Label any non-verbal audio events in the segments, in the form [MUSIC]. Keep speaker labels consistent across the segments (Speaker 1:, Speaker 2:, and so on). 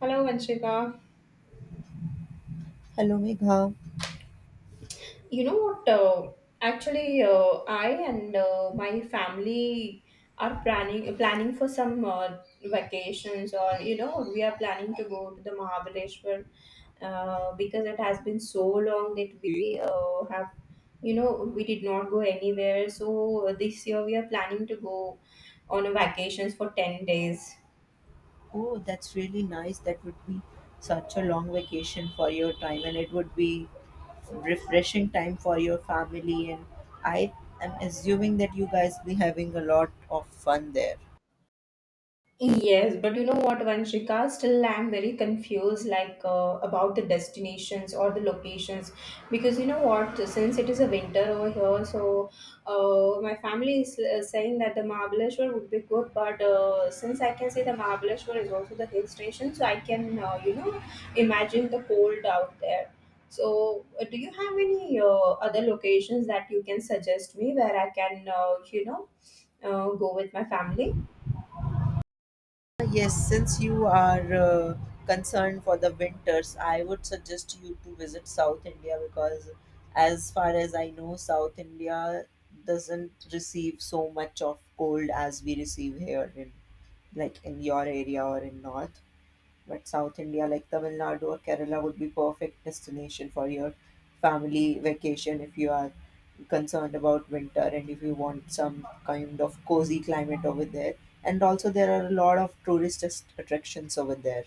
Speaker 1: Hello, Vanshika.
Speaker 2: Hello, Megha.
Speaker 1: You know what? Actually, I and my family are planning for some vacations, or we are planning to go to the Mahabaleshwar because it has been so long that we we did not go anywhere. So this year we are planning to go on a vacations for 10 days.
Speaker 2: Oh, that's really nice. That would be such a long vacation for your time, and it would be refreshing time for your family. And I am assuming that you guys be having a lot of fun there.
Speaker 1: Yes, but you know what, Vanshika? Still, I'm very confused, like about the destinations or the locations, because you know what? Since it is a winter over here, so my family is saying that the Mahabaleshwar would be good, but since I can say the Mahabaleshwar is also the hill station, so I can imagine the cold out there. So, do you have any other locations that you can suggest me where I can go with my family?
Speaker 2: Yes, since you are concerned for the winters, I would suggest you to visit South India because, as far as I know, South India doesn't receive so much of cold as we receive here in like in your area or in north. But South India, like Tamil Nadu or Kerala, would be perfect destination for your family vacation if you are concerned about winter and if you want some kind of cozy climate over there. And also, there are a lot of attractions over there.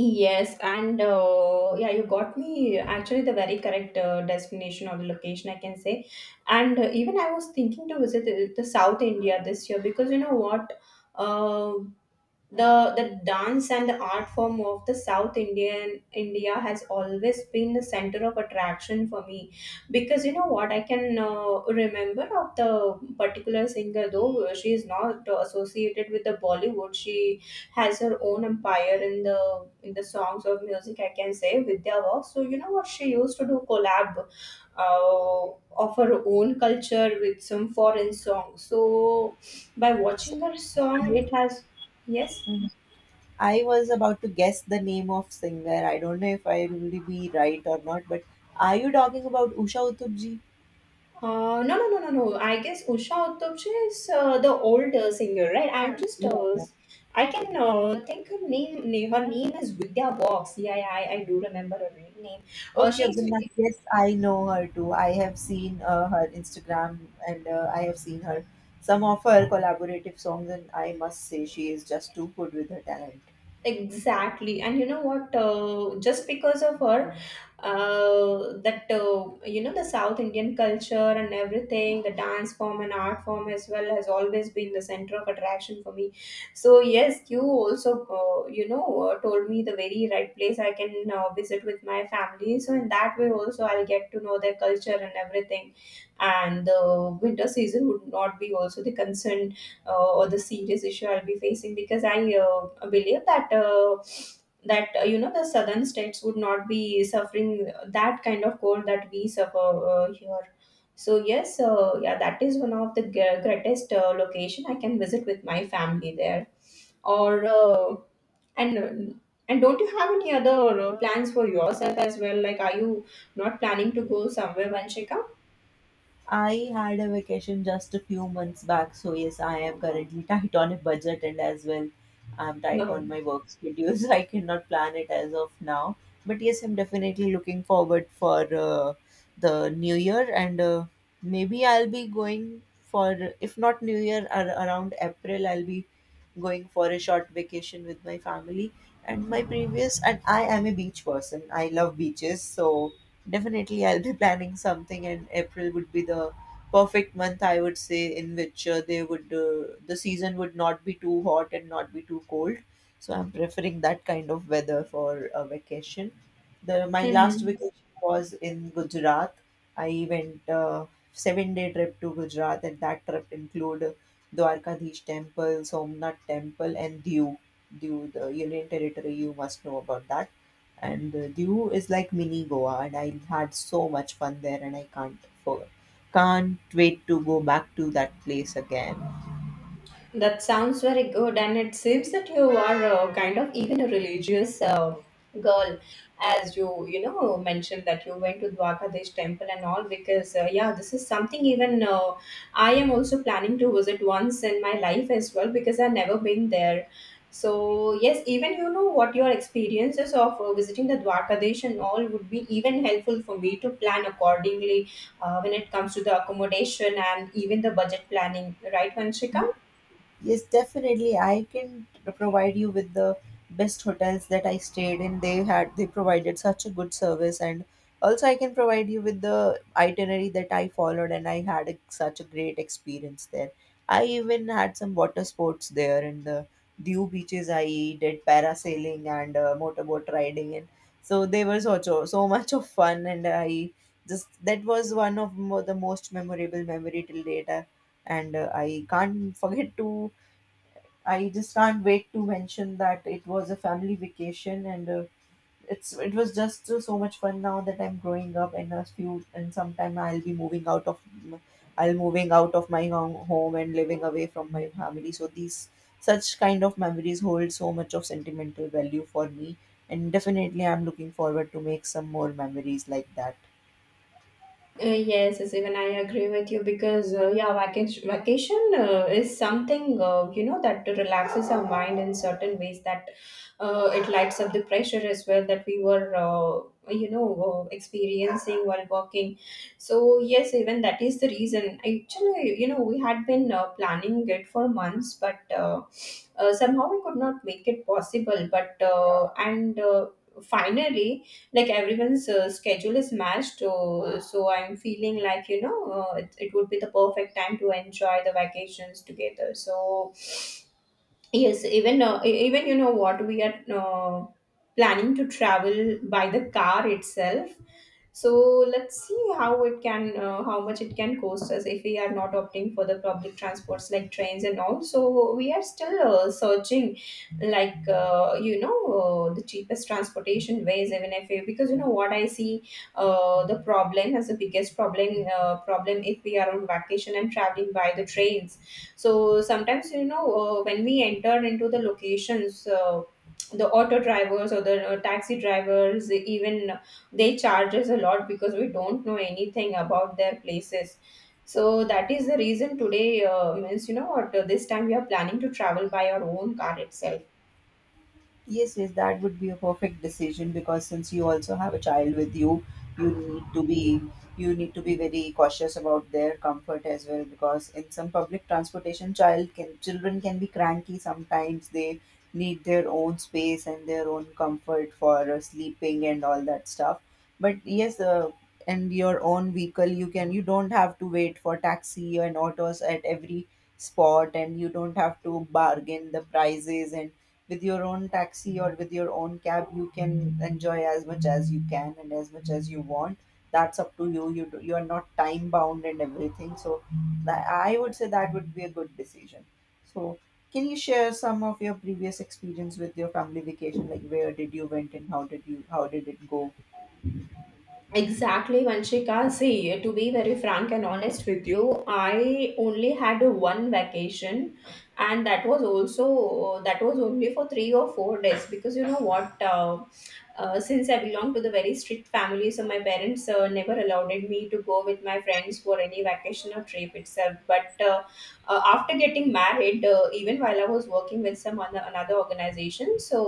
Speaker 1: Yes, and yeah, you got me actually the very correct destination or the location, I can say. And even I was thinking to visit the South India this year because uh, the dance and the art form of the South Indian India has always been the center of attraction for me because I can remember of the particular singer, though she is not associated with the Bollywood. She has her own empire in the songs or music, I can say, with their work. So you know what she used to do collab of her own culture with some foreign song, so by
Speaker 2: So
Speaker 1: watching her song
Speaker 2: I,
Speaker 1: it has. Yes.
Speaker 2: mhm, I was about to guess the name of singer. I don't know if I will be right or not, but are you talking about Usha Uthup ji?
Speaker 1: No, no, no, no, no. I guess Usha Uttamche is the older singer, right?
Speaker 2: Yeah.
Speaker 1: I can think her her name is Vidya Box. Yeah, yeah, I do remember her real name.
Speaker 2: Okay,
Speaker 1: She's
Speaker 2: Gunna. Yes, I know her too. I have seen her Instagram, and I have seen her some of her collaborative songs, and I must say she is just too good with her talent.
Speaker 1: Exactly, and you know what? Just because of her, that you know the South Indian culture and everything, the dance form and art form as well has always been the center of attraction for me. So yes, you also told me the very right place I can visit with my family. So in that way also I'll get to know their culture and everything, and the winter season would not be also the concern, or the serious issue I'll be facing, because I believe that the southern states would not be suffering that kind of cold that we suffer here. So yes, yeah, that is one of the greatest location I can visit with my family there. Or and And don't you have any other plans for yourself as well? Like, are you not planning to go somewhere, Vanshika?
Speaker 2: I had a vacation just a few months back, so yes, I am currently [LAUGHS] tight on a budget, and as well I'm tight
Speaker 1: No.
Speaker 2: on my work schedules. [LAUGHS] I cannot plan it as of now, but yes, I'm definitely looking forward for the new year, and maybe I'll be going for, if not new year around April, I'll be going for a short vacation with my family and my previous, and I am a beach person. I love beaches, so definitely, I'll be planning something, and April would be the perfect month, I would say, in which the season would not be too hot and not be too cold. So I'm preferring that kind of weather for a vacation. The my last
Speaker 1: Mm-hmm.
Speaker 2: vacation was in Gujarat. I went 7 day trip to Gujarat, and that trip include Dwarkadish Temple, Somnath Temple, and Diu. Diu, the Union Territory. You must know about that. And Diu is like mini Goa, and I had so much fun there, and I for, can't wait to go back to that place again.
Speaker 1: That sounds very good, and it seems that you are kind of even a religious girl, as you you know mentioned that you went to Dwakadesh temple and all. Because yeah, this is something even I am also planning to visit once in my life as well, because I've never been there. So yes, even you know what your experiences of visiting the Dwakadesh and all would be even helpful for me to plan accordingly, when it comes to the accommodation and even the budget planning, right, Vanshika?
Speaker 2: Yes, definitely. I can provide you with the best hotels that I stayed in. They provided such a good service, and also I can provide you with the itinerary that I followed, and I had a, such a great experience there. I even had some water sports there in the Diu beaches. I did parasailing and motorboat riding, and so they were so so so much of fun, and I just that was one of the most memorable memory till date. And I can't forget to, I just can't wait to mention that it was a family vacation, and it was just so much fun now that I'm growing up and a few and sometime I'll be moving out of m- I'll moving out of my home and living away from my family. So these such kind of memories hold so much of sentimental value for me, and definitely I'm looking forward to make some more memories like that.
Speaker 1: Yes, yes, even I agree with you because yeah, vacation is something that relaxes our mind in certain ways, that it lights up the pressure as well that we were experiencing while working. So yes, even that is the reason. Actually, you know, we had been planning it for months, but somehow we could not make it possible. But and finally, like everyone's schedule is matched, so I'm feeling like it would be the perfect time to enjoy the vacations together. So yes, even even you know what we are planning to travel by the car itself. So let's see how it can how much it can cost us if we are not opting for the public transports like trains and all. So we are still searching like the cheapest transportation ways, even if we, because you know what I see the problem as the biggest problem if we are on vacation and traveling by the trains. So sometimes when we enter into the locations, the auto drivers or the taxi drivers, even they charge us a lot because we don't know anything about their places. So that is the reason today, means you know what this time we are planning to travel by our own car itself.
Speaker 2: Yes, yes, that would be a perfect decision because since you also have a child with you, you need to be you need to be very cautious about their comfort as well because in some public transportation children can be cranky sometimes. They need their own space and their own comfort for sleeping and all that stuff. But yes, and your own vehicle you don't have to wait for taxi and autos at every spot, and you don't have to bargain the prices, and with your own taxi or with your own cab you can enjoy as much as you can and as much as you want. That's up to you. You are not time bound and everything, so that, I would say that would be a good decision. So can you share some of your previous experience with your family vacation, like where did you went and how did it go?
Speaker 1: Exactly, Vanshika. See, to be very frank and honest with you, I only had one vacation, and that was also that was only for 3 or 4 days, because you know what? Since I belong to the very strict family, so my parents never allowed me to go with my friends for any vacation or trip itself. But after getting married, even while I was working with some other, another organization, so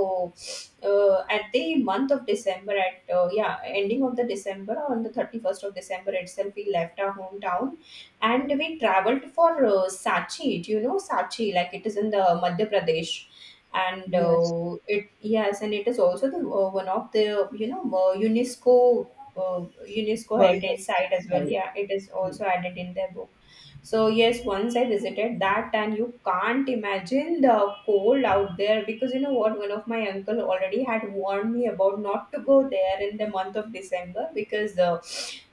Speaker 1: at the month of December, at yeah, ending of the December, on the 31st of December itself, we left our hometown, and we traveled for Sachi. Do you know Sachi? Like, it is in the Madhya Pradesh. And
Speaker 2: Yes.
Speaker 1: it, yes, and it is also the one of the you know uh, unesco uh, UNESCO
Speaker 2: World
Speaker 1: heritage
Speaker 2: you.
Speaker 1: site as well. Yeah, it is also added in their book. So yes, once I visited that, and you can't imagine the cold out there, because you know what? One of my uncle already had warned me about not to go there in the month of December because uh,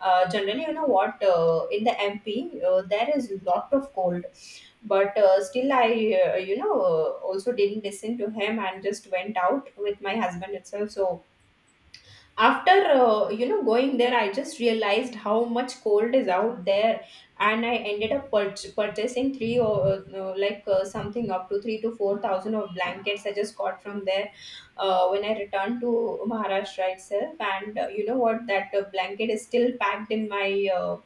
Speaker 1: uh, generally, you know what? In the MP, there is lot of cold, but still, I also didn't listen to him and just went out with my husband itself. So after going there, I just realized how much cold is out there, and I ended up purchasing three or something up to 3 to 4 thousand of blankets I just got from there, when I returned to Maharashtra itself. And you know what that blanket is still packed in my uh,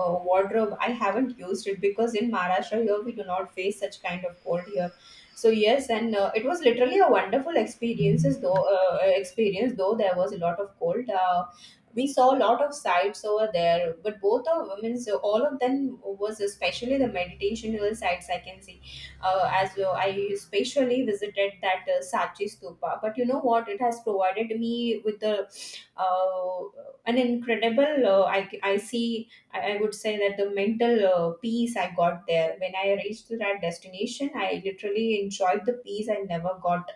Speaker 1: uh, wardrobe. I haven't used it because in Maharashtra here we do not face such kind of cold here. So yes, and it was literally a wonderful experiences. Though experience, though there was a lot of cold. We saw a lot of sites over there, but both of women, so all of them was especially the meditational sites, I can see. As well, I especially visited that Sachi Stupa. But you know what? It has provided me with the uh, an incredible. I would say that the mental peace I got there when I reached to that destination, I literally enjoyed the peace I never got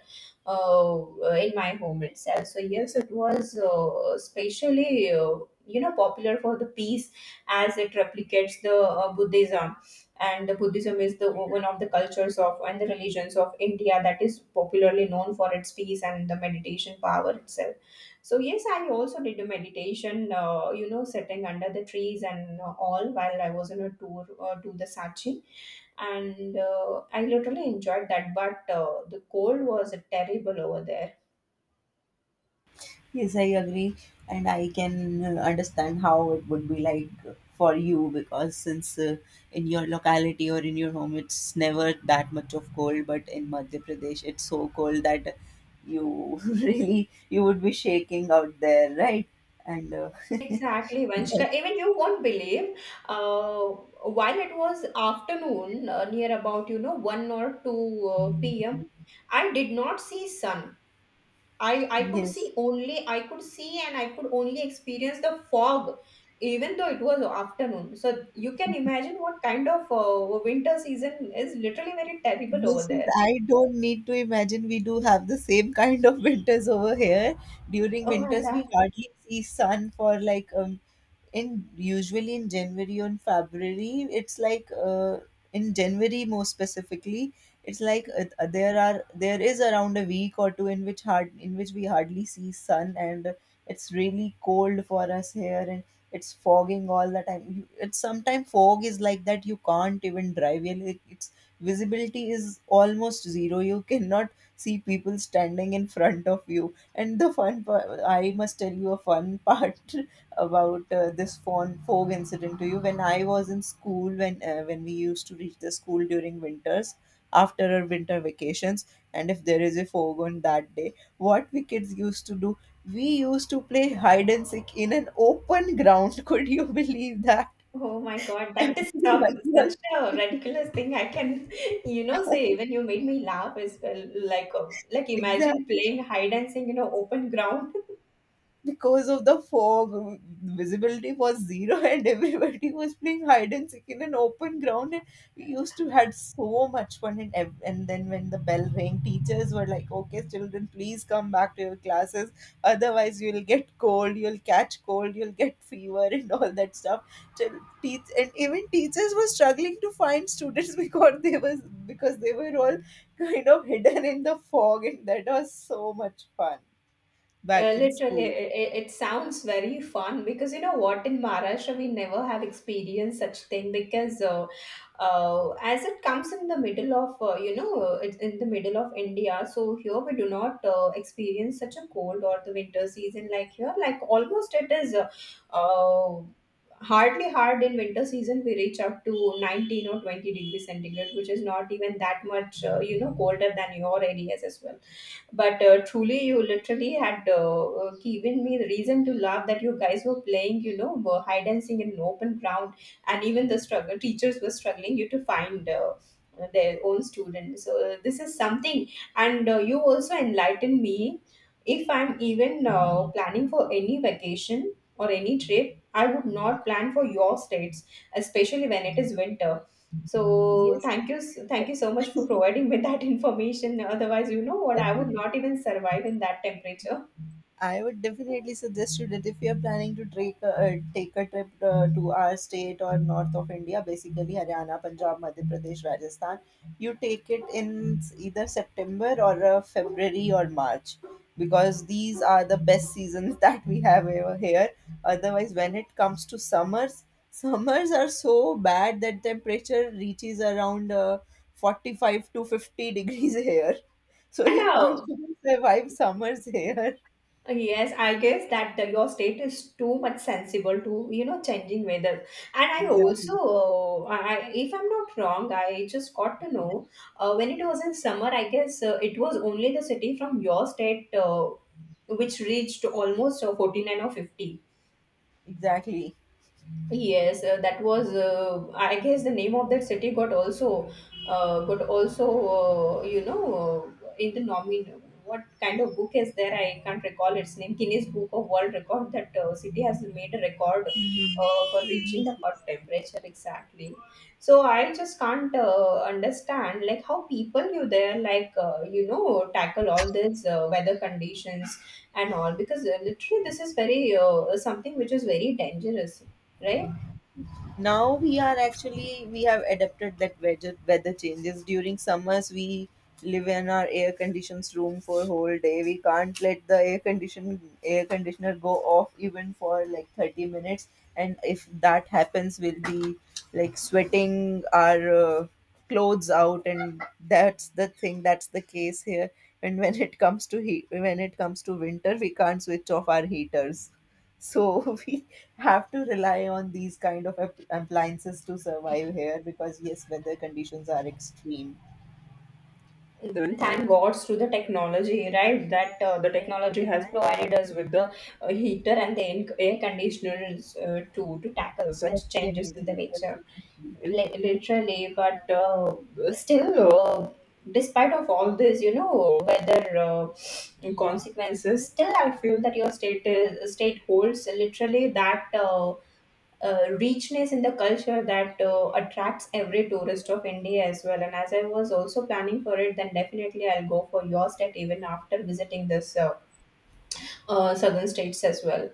Speaker 1: in my home itself. So yes, it was especially you know popular for the peace, as it replicates the Buddhism. And the Buddhism is the one of the cultures of and the religions of India that is popularly known for its peace and the meditation power itself. So yes, I also did a meditation, sitting under the trees and all while I was on a tour to the Sachin, and I literally enjoyed that. But the cold was terrible over there.
Speaker 2: Yes, I agree, and I can understand how it would be like for you because since in your locality or in your home it's never that much of cold, but in Madhya Pradesh it's so cold that you [LAUGHS] really you would be shaking out there, right? And
Speaker 1: Exactly,
Speaker 2: That-
Speaker 1: Vanshika. Even you won't believe. Uh, while it was afternoon, near about one or two p.m., I did not see sun.
Speaker 2: yes,
Speaker 1: I could see, and I could only experience the fog, even though it was afternoon. So you can imagine what kind of winter season is literally very terrible over
Speaker 2: yes,
Speaker 1: there.
Speaker 2: I don't need to imagine. We do have the same kind of [LAUGHS] winters over here. During
Speaker 1: Oh my
Speaker 2: winters
Speaker 1: god!
Speaker 2: we hardly see sun for like in usually in January or in February, it's like in January more specifically, it's like there are there is around a week or two in which hard in which we hardly see sun, and it's really cold for us here, and it's fogging all the time. It's sometimes fog is like that you can't even drive. It's visibility is almost zero. You cannot see people standing in front of you. And the fun part, I must tell you a fun [LAUGHS] part about this phone fog incident to you. When I was in school, when we used to reach the school during winters after our winter vacations, and if there is a fog on that day, what we kids used to do, we used to play hide and seek in an open ground. [LAUGHS] Could you believe that?
Speaker 1: Oh my god! That is
Speaker 2: [LAUGHS]
Speaker 1: so, such
Speaker 2: Everyone
Speaker 1: a ridiculous thing. I can, [LAUGHS] say
Speaker 2: was-
Speaker 1: even you made me laugh as well. Like
Speaker 2: [LAUGHS]
Speaker 1: imagine
Speaker 2: exactly.
Speaker 1: playing hide and seek in an open ground. [LAUGHS]
Speaker 2: Because of the fog, visibility was zero, [LAUGHS] and everybody was playing hide and seek in an open ground, and we used to had so much fun. And, and then when the bell rang, teachers were like, okay, children, please come back to your classes, otherwise you'll get cold, you'll catch cold, you'll get fever, [LAUGHS] and all that stuff. Chil- teach and Even teachers were struggling to find students, [LAUGHS] because they was because they were all kind of hidden in the fog, and that was so much fun back in
Speaker 1: Literally,
Speaker 2: school.
Speaker 1: it sounds very fun because you know what? In Maharashtra, we never have experienced such thing, because as it comes in the middle of it's in the middle of India, so here we do not experience such a cold or the winter season like here. Like almost it is uh, hardly hard in winter season we reach up to 19 or 20 degrees centigrade, which is not even that much colder than your areas as well. But truly you literally had given me the reason to laugh that you guys were playing were hide and seek in an open ground, and even the struggle teachers were struggling you to find their own students. So this is something. And you also enlightened me. If I'm even planning for any vacation or any trip, I would not plan for your states, especially when it is winter. So
Speaker 2: Yes,
Speaker 1: thank you, thank you so much for
Speaker 2: [LAUGHS]
Speaker 1: providing me that [LAUGHS] information. Otherwise, you know what, I would
Speaker 2: definitely.
Speaker 1: not even survive in that temperature.
Speaker 2: I would definitely suggest you that if you are planning to take a trip to our state or north of India, basically Haryana, Punjab, Madhya Pradesh, Rajasthan, you take it in either September or February or March, because these are the best seasons [LAUGHS] that we have over here. Otherwise, when it comes to summers, summers are so bad that temperature reaches around 45 to 50 degrees [LAUGHS] here. So
Speaker 1: And
Speaker 2: you can't
Speaker 1: now,
Speaker 2: even survive summers [LAUGHS] here.
Speaker 1: yes, I guess that your state is too much sensible to changing weather. And I also,
Speaker 2: Exactly.
Speaker 1: I if I'm not wrong, I just got to know when it was in summer. I guess it was only the city from your state which reached almost 49 or 50.
Speaker 2: Exactly.
Speaker 1: Yes, that was. I guess the name of that city got also. What kind of book is there? I can't recall its name. Guinness Book of World Record. That city has made a record
Speaker 2: Mhm.
Speaker 1: for reaching
Speaker 2: Yes.
Speaker 1: the hot temperature, exactly. So I just can't understand like how people you there like tackle all these weather conditions and all, because literally this is very something which is very dangerous, right?
Speaker 2: Now we are actually, we have adapted that weather changes during summers. We live in our air conditioned room for whole day. We can't let the air conditioner go off even for like 30 minutes, and if that happens, we'll be like sweating our clothes out, and that's the thing, that's the case here. And when it comes to heat, when it comes to winter, we can't switch off our heaters. So [LAUGHS] we have to rely on these kind of appliances to survive here, because yes, weather conditions are extreme.
Speaker 1: Then thank gods to the technology, right? That the technology has provided us with the heater and the air conditioners to tackle such changes in the
Speaker 2: Definitely,
Speaker 1: nature.
Speaker 2: definitely.
Speaker 1: Literally. But still, despite of all this, you know, weather consequences, still I feel that state holds literally that. Richness in the culture that attracts every tourist of India as well. And as I was also planning for it, then definitely I'll go for your state even after visiting this southern states as well.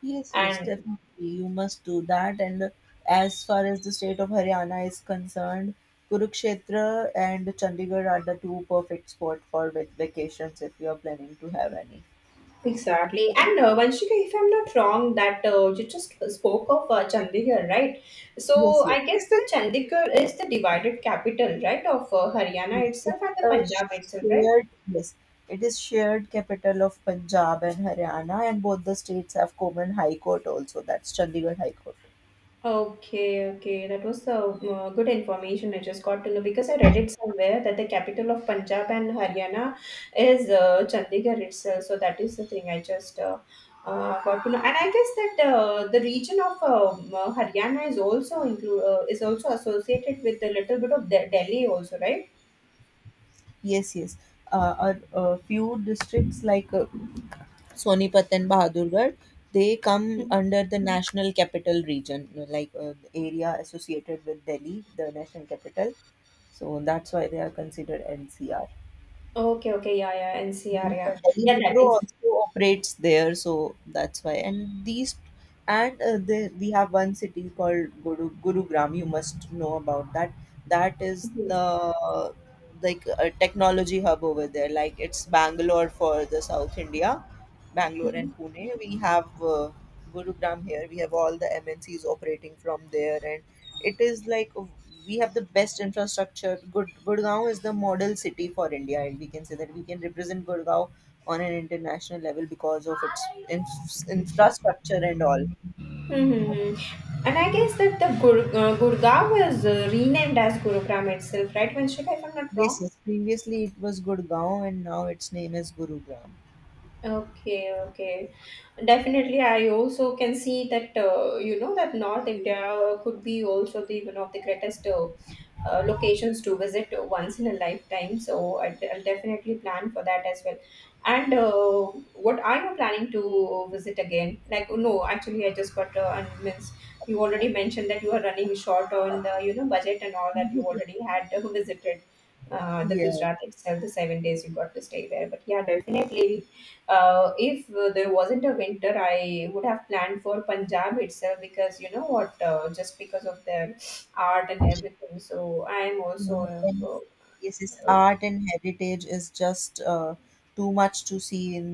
Speaker 2: Yes, yes,
Speaker 1: And
Speaker 2: definitely. You must do that. And as far as the state of Haryana is concerned, Kurukshetra and Chandigarh are the two perfect spot for vacations if you are planning to have any.
Speaker 1: exactly, and Vanshika, if I'm not wrong, that you just spoke of Chandigarh, right?
Speaker 2: Yes,
Speaker 1: So
Speaker 2: yes.
Speaker 1: I guess the Chandigarh is the divided capital, right, of
Speaker 2: Yeah,
Speaker 1: Haryana
Speaker 2: it's
Speaker 1: itself and the Punjab
Speaker 2: a
Speaker 1: itself, right?
Speaker 2: shared, yes, it is shared capital of Punjab and Haryana, and both the states have common high court also. That's Chandigarh High Court.
Speaker 1: Okay, okay. That was the good information I just got to know, because I read it somewhere that the capital of Punjab and Haryana is Chandigarh itself. So that is the thing I just got to know. And I guess that the region of Haryana is also include is also associated with a little bit of Delhi also, right?
Speaker 2: Yes, yes. A few districts like Sonipat and Bahadurgarh, they come
Speaker 1: Mhm.
Speaker 2: under the national capital region, like the area associated with Delhi, the national capital. So that's why they are considered NCR.
Speaker 1: Okay, okay, yeah, yeah, NCR,
Speaker 2: And the
Speaker 1: yeah,
Speaker 2: Delhi
Speaker 1: yeah, that
Speaker 2: Metro
Speaker 1: is-
Speaker 2: also operates there, so that's why. And these, and we have one city called Gurugram. You must know about that. That is
Speaker 1: Yes.
Speaker 2: the like a technology hub over there. Like it's Bangalore for the South India, Bangalore
Speaker 1: Mhm.
Speaker 2: and Pune. We have Gurugram here. We have all the MNCs operating from there, and it is like we have the best infrastructure. Good Gurgaon is the model city for India, and we can say that we can represent Gurgaon on an international level because of its infrastructure and all.
Speaker 1: Hmm. And I guess that the Gurgaon was renamed as Gurugram itself, right, Vanshika, if I'm not
Speaker 2: Yes,
Speaker 1: wrong?
Speaker 2: yes. Previously it was Gurgaon, and now its name is Gurugram.
Speaker 1: Okay, okay. Definitely, I also can see that, you know, that North India could be also the one of the greatest locations to visit once in a lifetime. So I'll definitely plan for that as well. And what are you planning to visit again? Like, no, actually, I just got and means you already mentioned that you are running short on the budget and all that you already had [LAUGHS] visited. The
Speaker 2: Yeah.
Speaker 1: Gujarat itself, the 7 days you got to stay there. But yeah, definitely, if there wasn't a winter, I would have planned for Punjab itself, because you know what, just because of the art and everything. So I'm
Speaker 2: Yeah,
Speaker 1: also
Speaker 2: then, yes, its
Speaker 1: uh,
Speaker 2: art and heritage is just uh, too much to see in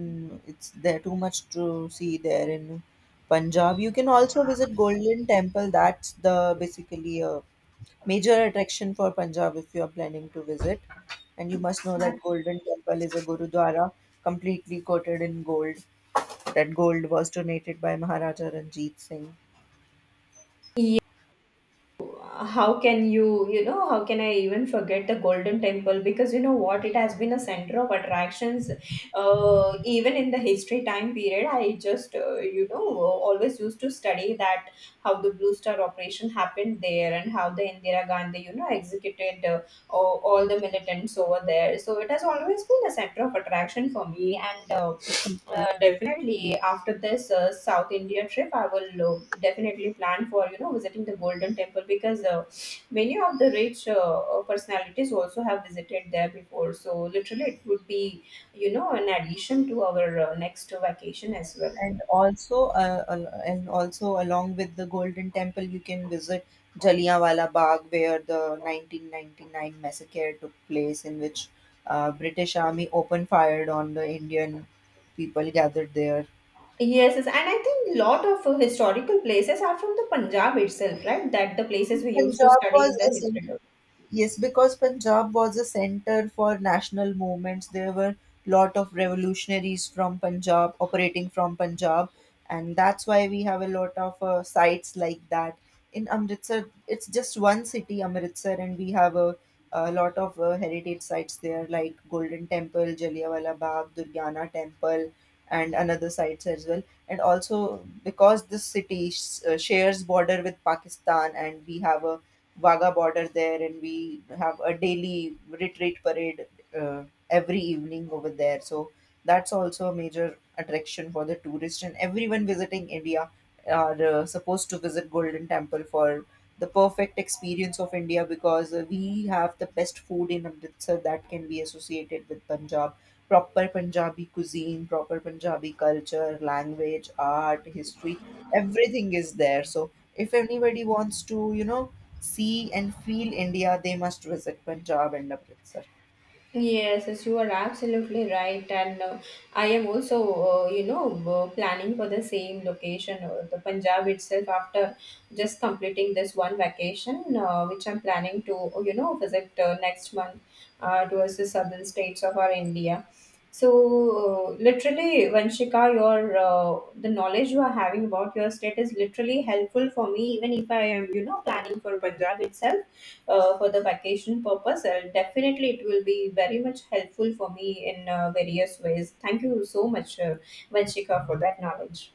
Speaker 2: it's there too much to see there in Punjab. You can also visit Golden Temple. That's the basically a major attraction for Punjab if you are planning to visit. And you must know that Golden Temple is a Gurudwara completely coated in gold. That gold was donated by Maharaja Ranjit Singh.
Speaker 1: yeah. How can you, you know, how can I even forget the Golden Temple? Because you know what, it has been a center of attractions, even in the history time period. I just, always used to study that how the Blue Star operation happened there and how the Indira Gandhi, you know, executed all the militants over there. So it has always been a center of attraction for me. And definitely after this south india trip I will definitely plan for visiting the golden temple, because many of the rich personalities also have visited there before. So literally it would be an addition to our next vacation as well.
Speaker 2: And also, al- and also along with the Golden Temple, you can visit Jallianwala Bagh, where the 1999 massacre took place, in which British Army opened fired on the Indian people gathered there.
Speaker 1: Yes, yes, and I think lot of historical places are from the punjab itself, right, that the places we used to
Speaker 2: Punjab
Speaker 1: study
Speaker 2: was
Speaker 1: in the
Speaker 2: a
Speaker 1: history.
Speaker 2: center. Yes, because Punjab was a center for national movements. There were lot of revolutionaries from Punjab operating from Punjab, and that's why we have a lot of sites like that. In Amritsar, it's just one city, Amritsar, and we have a lot of heritage sites there, like Golden Temple, Jallianwala Bagh, Durgana Temple, and another sites as well. And also, because this city shares border with Pakistan, and we have a Wagah border there, and we have a daily retreat parade uh, every evening over there. So that's also a major attraction for the tourist, and everyone visiting India are supposed to visit Golden Temple for the perfect experience of India, because we have the best food in Amritsar that can be associated with Punjab. Proper Punjabi cuisine, proper Punjabi culture, language, art, history, everything is there. So if anybody wants to, you know, see and feel India, they must visit Punjab and Amritsar.
Speaker 1: Yes, yes, you are absolutely right, and I am also, you know, planning for the same location or the Punjab itself after just completing this one vacation, which I'm planning to, you know, visit next month towards the southern states of our India. So, literally, Vanshika, your the knowledge you are having about your state is literally helpful for me, even if I am, you know, planning for Punjab itself for the vacation purpose, definitely it will be very much helpful for me in various ways. Thank you so much, Vanshika, for that knowledge.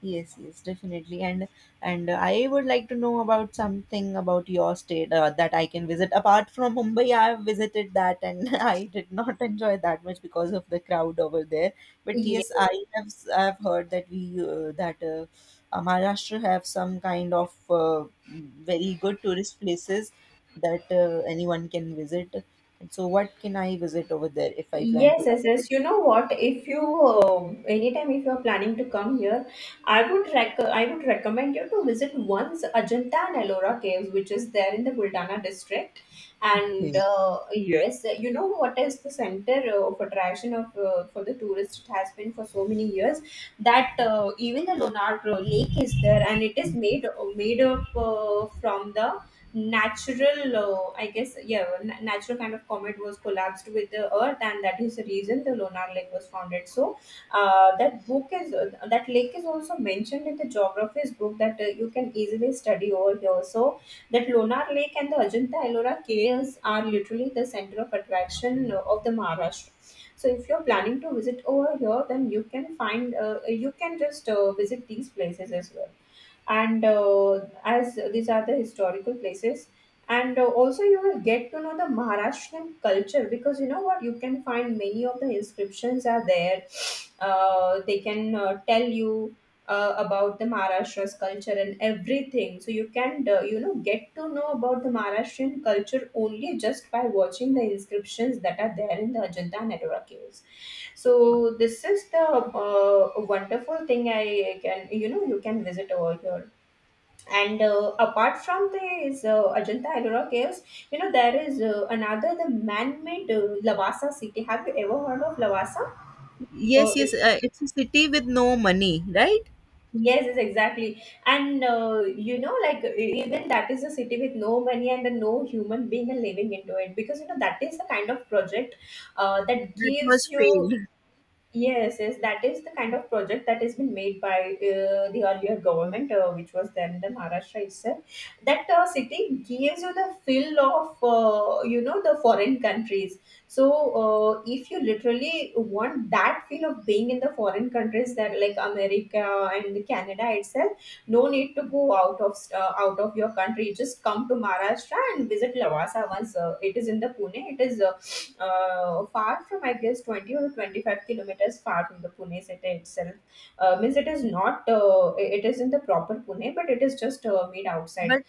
Speaker 2: Yes, yes, definitely. And I would like to know about something about your state that I can visit. Apart from Mumbai, I have visited that and [LAUGHS] I did not enjoy that much because of the crowd over there. But
Speaker 1: Yeah.
Speaker 2: yes, I have heard that we that Maharashtra have some kind of very good tourist places that anyone can visit. And so, what can I visit over there if I plan
Speaker 1: Yes,
Speaker 2: to
Speaker 1: yes,
Speaker 2: have a
Speaker 1: yes. You know what? If you anytime if you are planning to come here, I would recommend you to visit once Ajanta and Ellora caves, which is there in the Buldana district. And
Speaker 2: vacation?
Speaker 1: yes, you know what is the center of attraction of for the tourist, it has been for so many years, that even the Lonar Lake is there, and it is made up from the natural I guess, yeah, natural kind of comet was collapsed with the earth, and that is the reason the lonar lake was founded. So that lake is also mentioned in the geography's book, that you can easily study over here. So that lonar lake and the ajanta ellora caves are literally the center of attraction of the maharashtra. So if you're planning to visit over here, then you can find you can just visit these places as well, and as these are the historical places, and also you will get to know the maharashtrian culture, because you know what, you can find many of the inscriptions are there. They can tell you about the maharashtra's culture and everything. So you can, get to know about the maharashtrian culture only just by watching the inscriptions that are there in the ajanta and ellora caves. So this is the wonderful thing. I can, you can visit over here. And apart from this Ajanta Ellora caves, you know there is another, the man-made Lavasa city. Have you ever heard of Lavasa? Uh,
Speaker 2: Yes, yes, it's a city with no money, right?
Speaker 1: yes, yes, exactly. And you know, like even that is a city with no money and then no human being are living into it, because you know that is the kind of project that
Speaker 2: That was
Speaker 1: gives you.
Speaker 2: failed.
Speaker 1: Yes, yes, that is the kind of project that has been made by the earlier government, which was then the Maharashtra itself. That city gives you the feel of, the foreign countries. So, if you literally want that feel of being in the foreign countries, that like America and Canada itself, no need to go out of your country. Just come to Maharashtra and visit Lavasa once. It is in the Pune. It is far from I guess 20 or 25 kilometers far from the Pune city itself. Means it is not it is in the proper Pune, but it is just made
Speaker 2: But
Speaker 1: outside.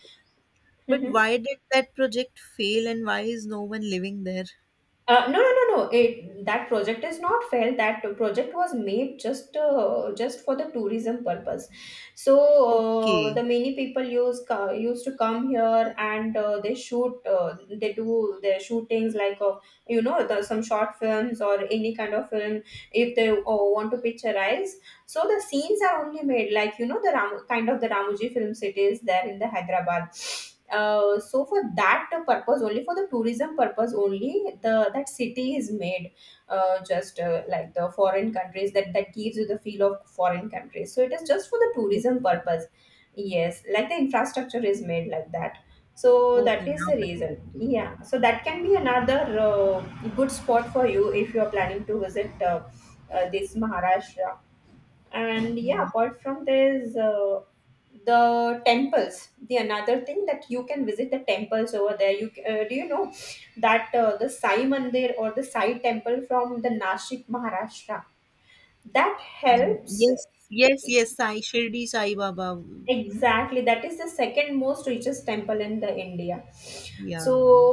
Speaker 1: [LAUGHS]
Speaker 2: but why did that project fail and why is no one living there?
Speaker 1: No, no, no, no. It That project is not failed. That project was made just for the tourism purpose. So the
Speaker 2: Okay.
Speaker 1: many people used to come here and they shoot. They do their shootings like the, some short films or any kind of film. If they want to picturize, so the scenes are only made like you know the kind of the Ramoji film cities there in the Hyderabad. So for that purpose only, for the tourism purpose only, the that city is made just like the foreign countries, that that gives you the feel of foreign countries. So it is just for the
Speaker 2: O-
Speaker 1: tourism purpose. Yes, like the infrastructure is made like that. So
Speaker 2: Okay,
Speaker 1: that is
Speaker 2: now
Speaker 1: the
Speaker 2: I get
Speaker 1: reason,
Speaker 2: it.
Speaker 1: yeah. So that can be another uh, good spot for you if you are planning to visit this maharashtra. And yeah,
Speaker 2: Mm,
Speaker 1: apart from there's the temples, the another thing that you can visit, the temples over there. Do you know that the sai mandir or the sai temple from the nashik maharashtra, that helps.
Speaker 2: yes, yes, yes, Sai Shirdi Sai Baba.
Speaker 1: Exactly, that is the second most richest temple in the India. So,
Speaker 2: Yeah.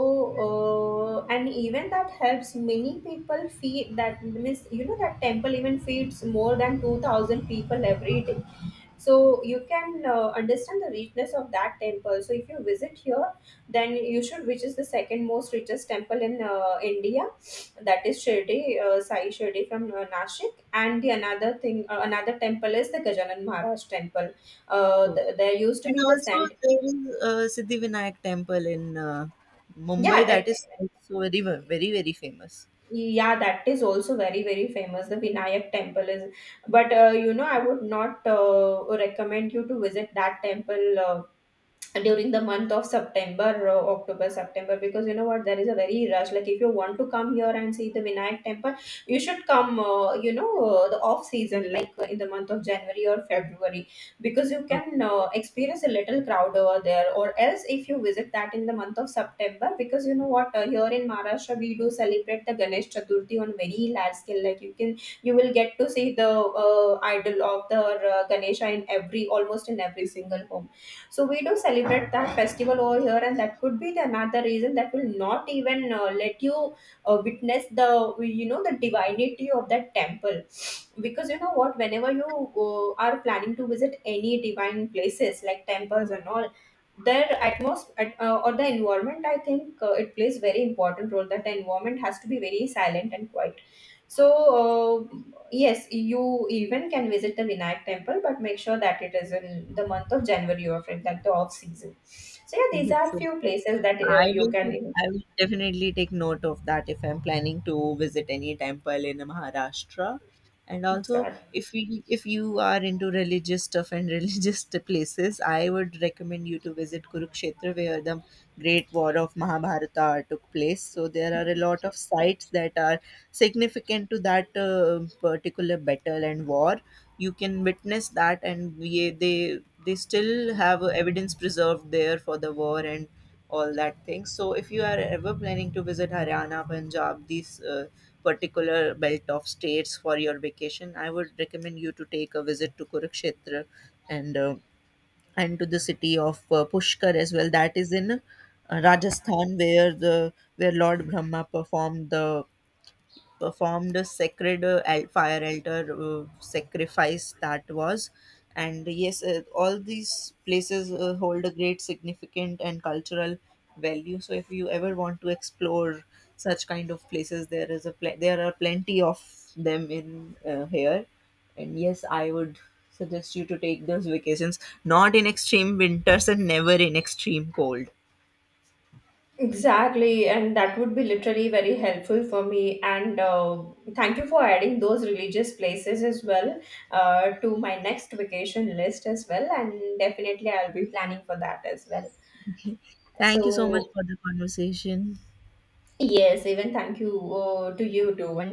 Speaker 1: and even that helps many people feed, that means you know that temple even feeds more than 2,000 people every day. So you can understand the richness of that temple. So if you visit here, then you should, which is the second most richest temple in India, that is Shirdi, Sai Shirdi from Nashik, and the another thing, another temple is the Gajanan Maharaj temple
Speaker 2: Okay.
Speaker 1: there used to
Speaker 2: And
Speaker 1: be the
Speaker 2: also
Speaker 1: scent.
Speaker 2: there is Siddhivinayak temple in Mumbai,
Speaker 1: Yeah,
Speaker 2: that is also very very very famous.
Speaker 1: yeah, that is also very very famous, the vinayak temple is. But you know I would not recommend you to visit that temple during the month of September or October, September, because you know what, there is a very rush. Like, if you want to come here and see the Vinayak temple, you should come, the off season, like in the month of January or February, because you can
Speaker 2: Okay.
Speaker 1: experience a little crowd over there. Or else, if you visit that in the month of September, because you know what, here in Maharashtra, we do celebrate the Ganesh Chaturthi on very large scale. Like, you can, you will get to see the idol of the Ganesha in every, almost in every single home. So we do celebrate that festival over here, and that could be the another reason that will not even let you witness the the divinity of that temple, because you know what, whenever you are planning to visit any divine places like temples and all, their atmosphere or the environment, I think it plays very important role, that the environment has to be very silent and quiet. So yes, you even can visit the Vinayak temple, but make sure that it is in the month of January or in like the off season. So yeah, these
Speaker 2: [LAUGHS]
Speaker 1: are
Speaker 2: So.
Speaker 1: few places that you can
Speaker 2: I will definitely take note of that if I'm planning to visit any temple in Maharashtra. And also,
Speaker 1: exact
Speaker 2: if you are into religious stuff and [LAUGHS] religious places, I would recommend you to visit Kurukshetra, where the great war of Mahabharata took place. So there are a lot of sites that are significant to that particular battle and war. You can witness that, and they still have evidence preserved there for the war and all that thing. So if you are ever planning to visit Haryana, Punjab, these particular belt of states for your vacation, I would recommend you to take a visit to Kurukshetra and uh, and to the city of Pushkar as well. That is in Rajasthan, where the where Lord Brahma performed a sacred fire altar sacrifice that was. And yes, all these places hold a great significant and cultural value. So if you ever want to explore such kind of places, there is a pl- there are plenty of them in here. And yes, I would suggest you to take those vacations not in extreme winters and never in extreme cold.
Speaker 1: exactly, and that would be literally very helpful for me. And thank you for adding those religious places as well to my next vacation list as well. And definitely, I'll be planning for that as well.
Speaker 2: Thank you so much
Speaker 1: So
Speaker 2: for the conversation.
Speaker 1: yes, even thank you to you too.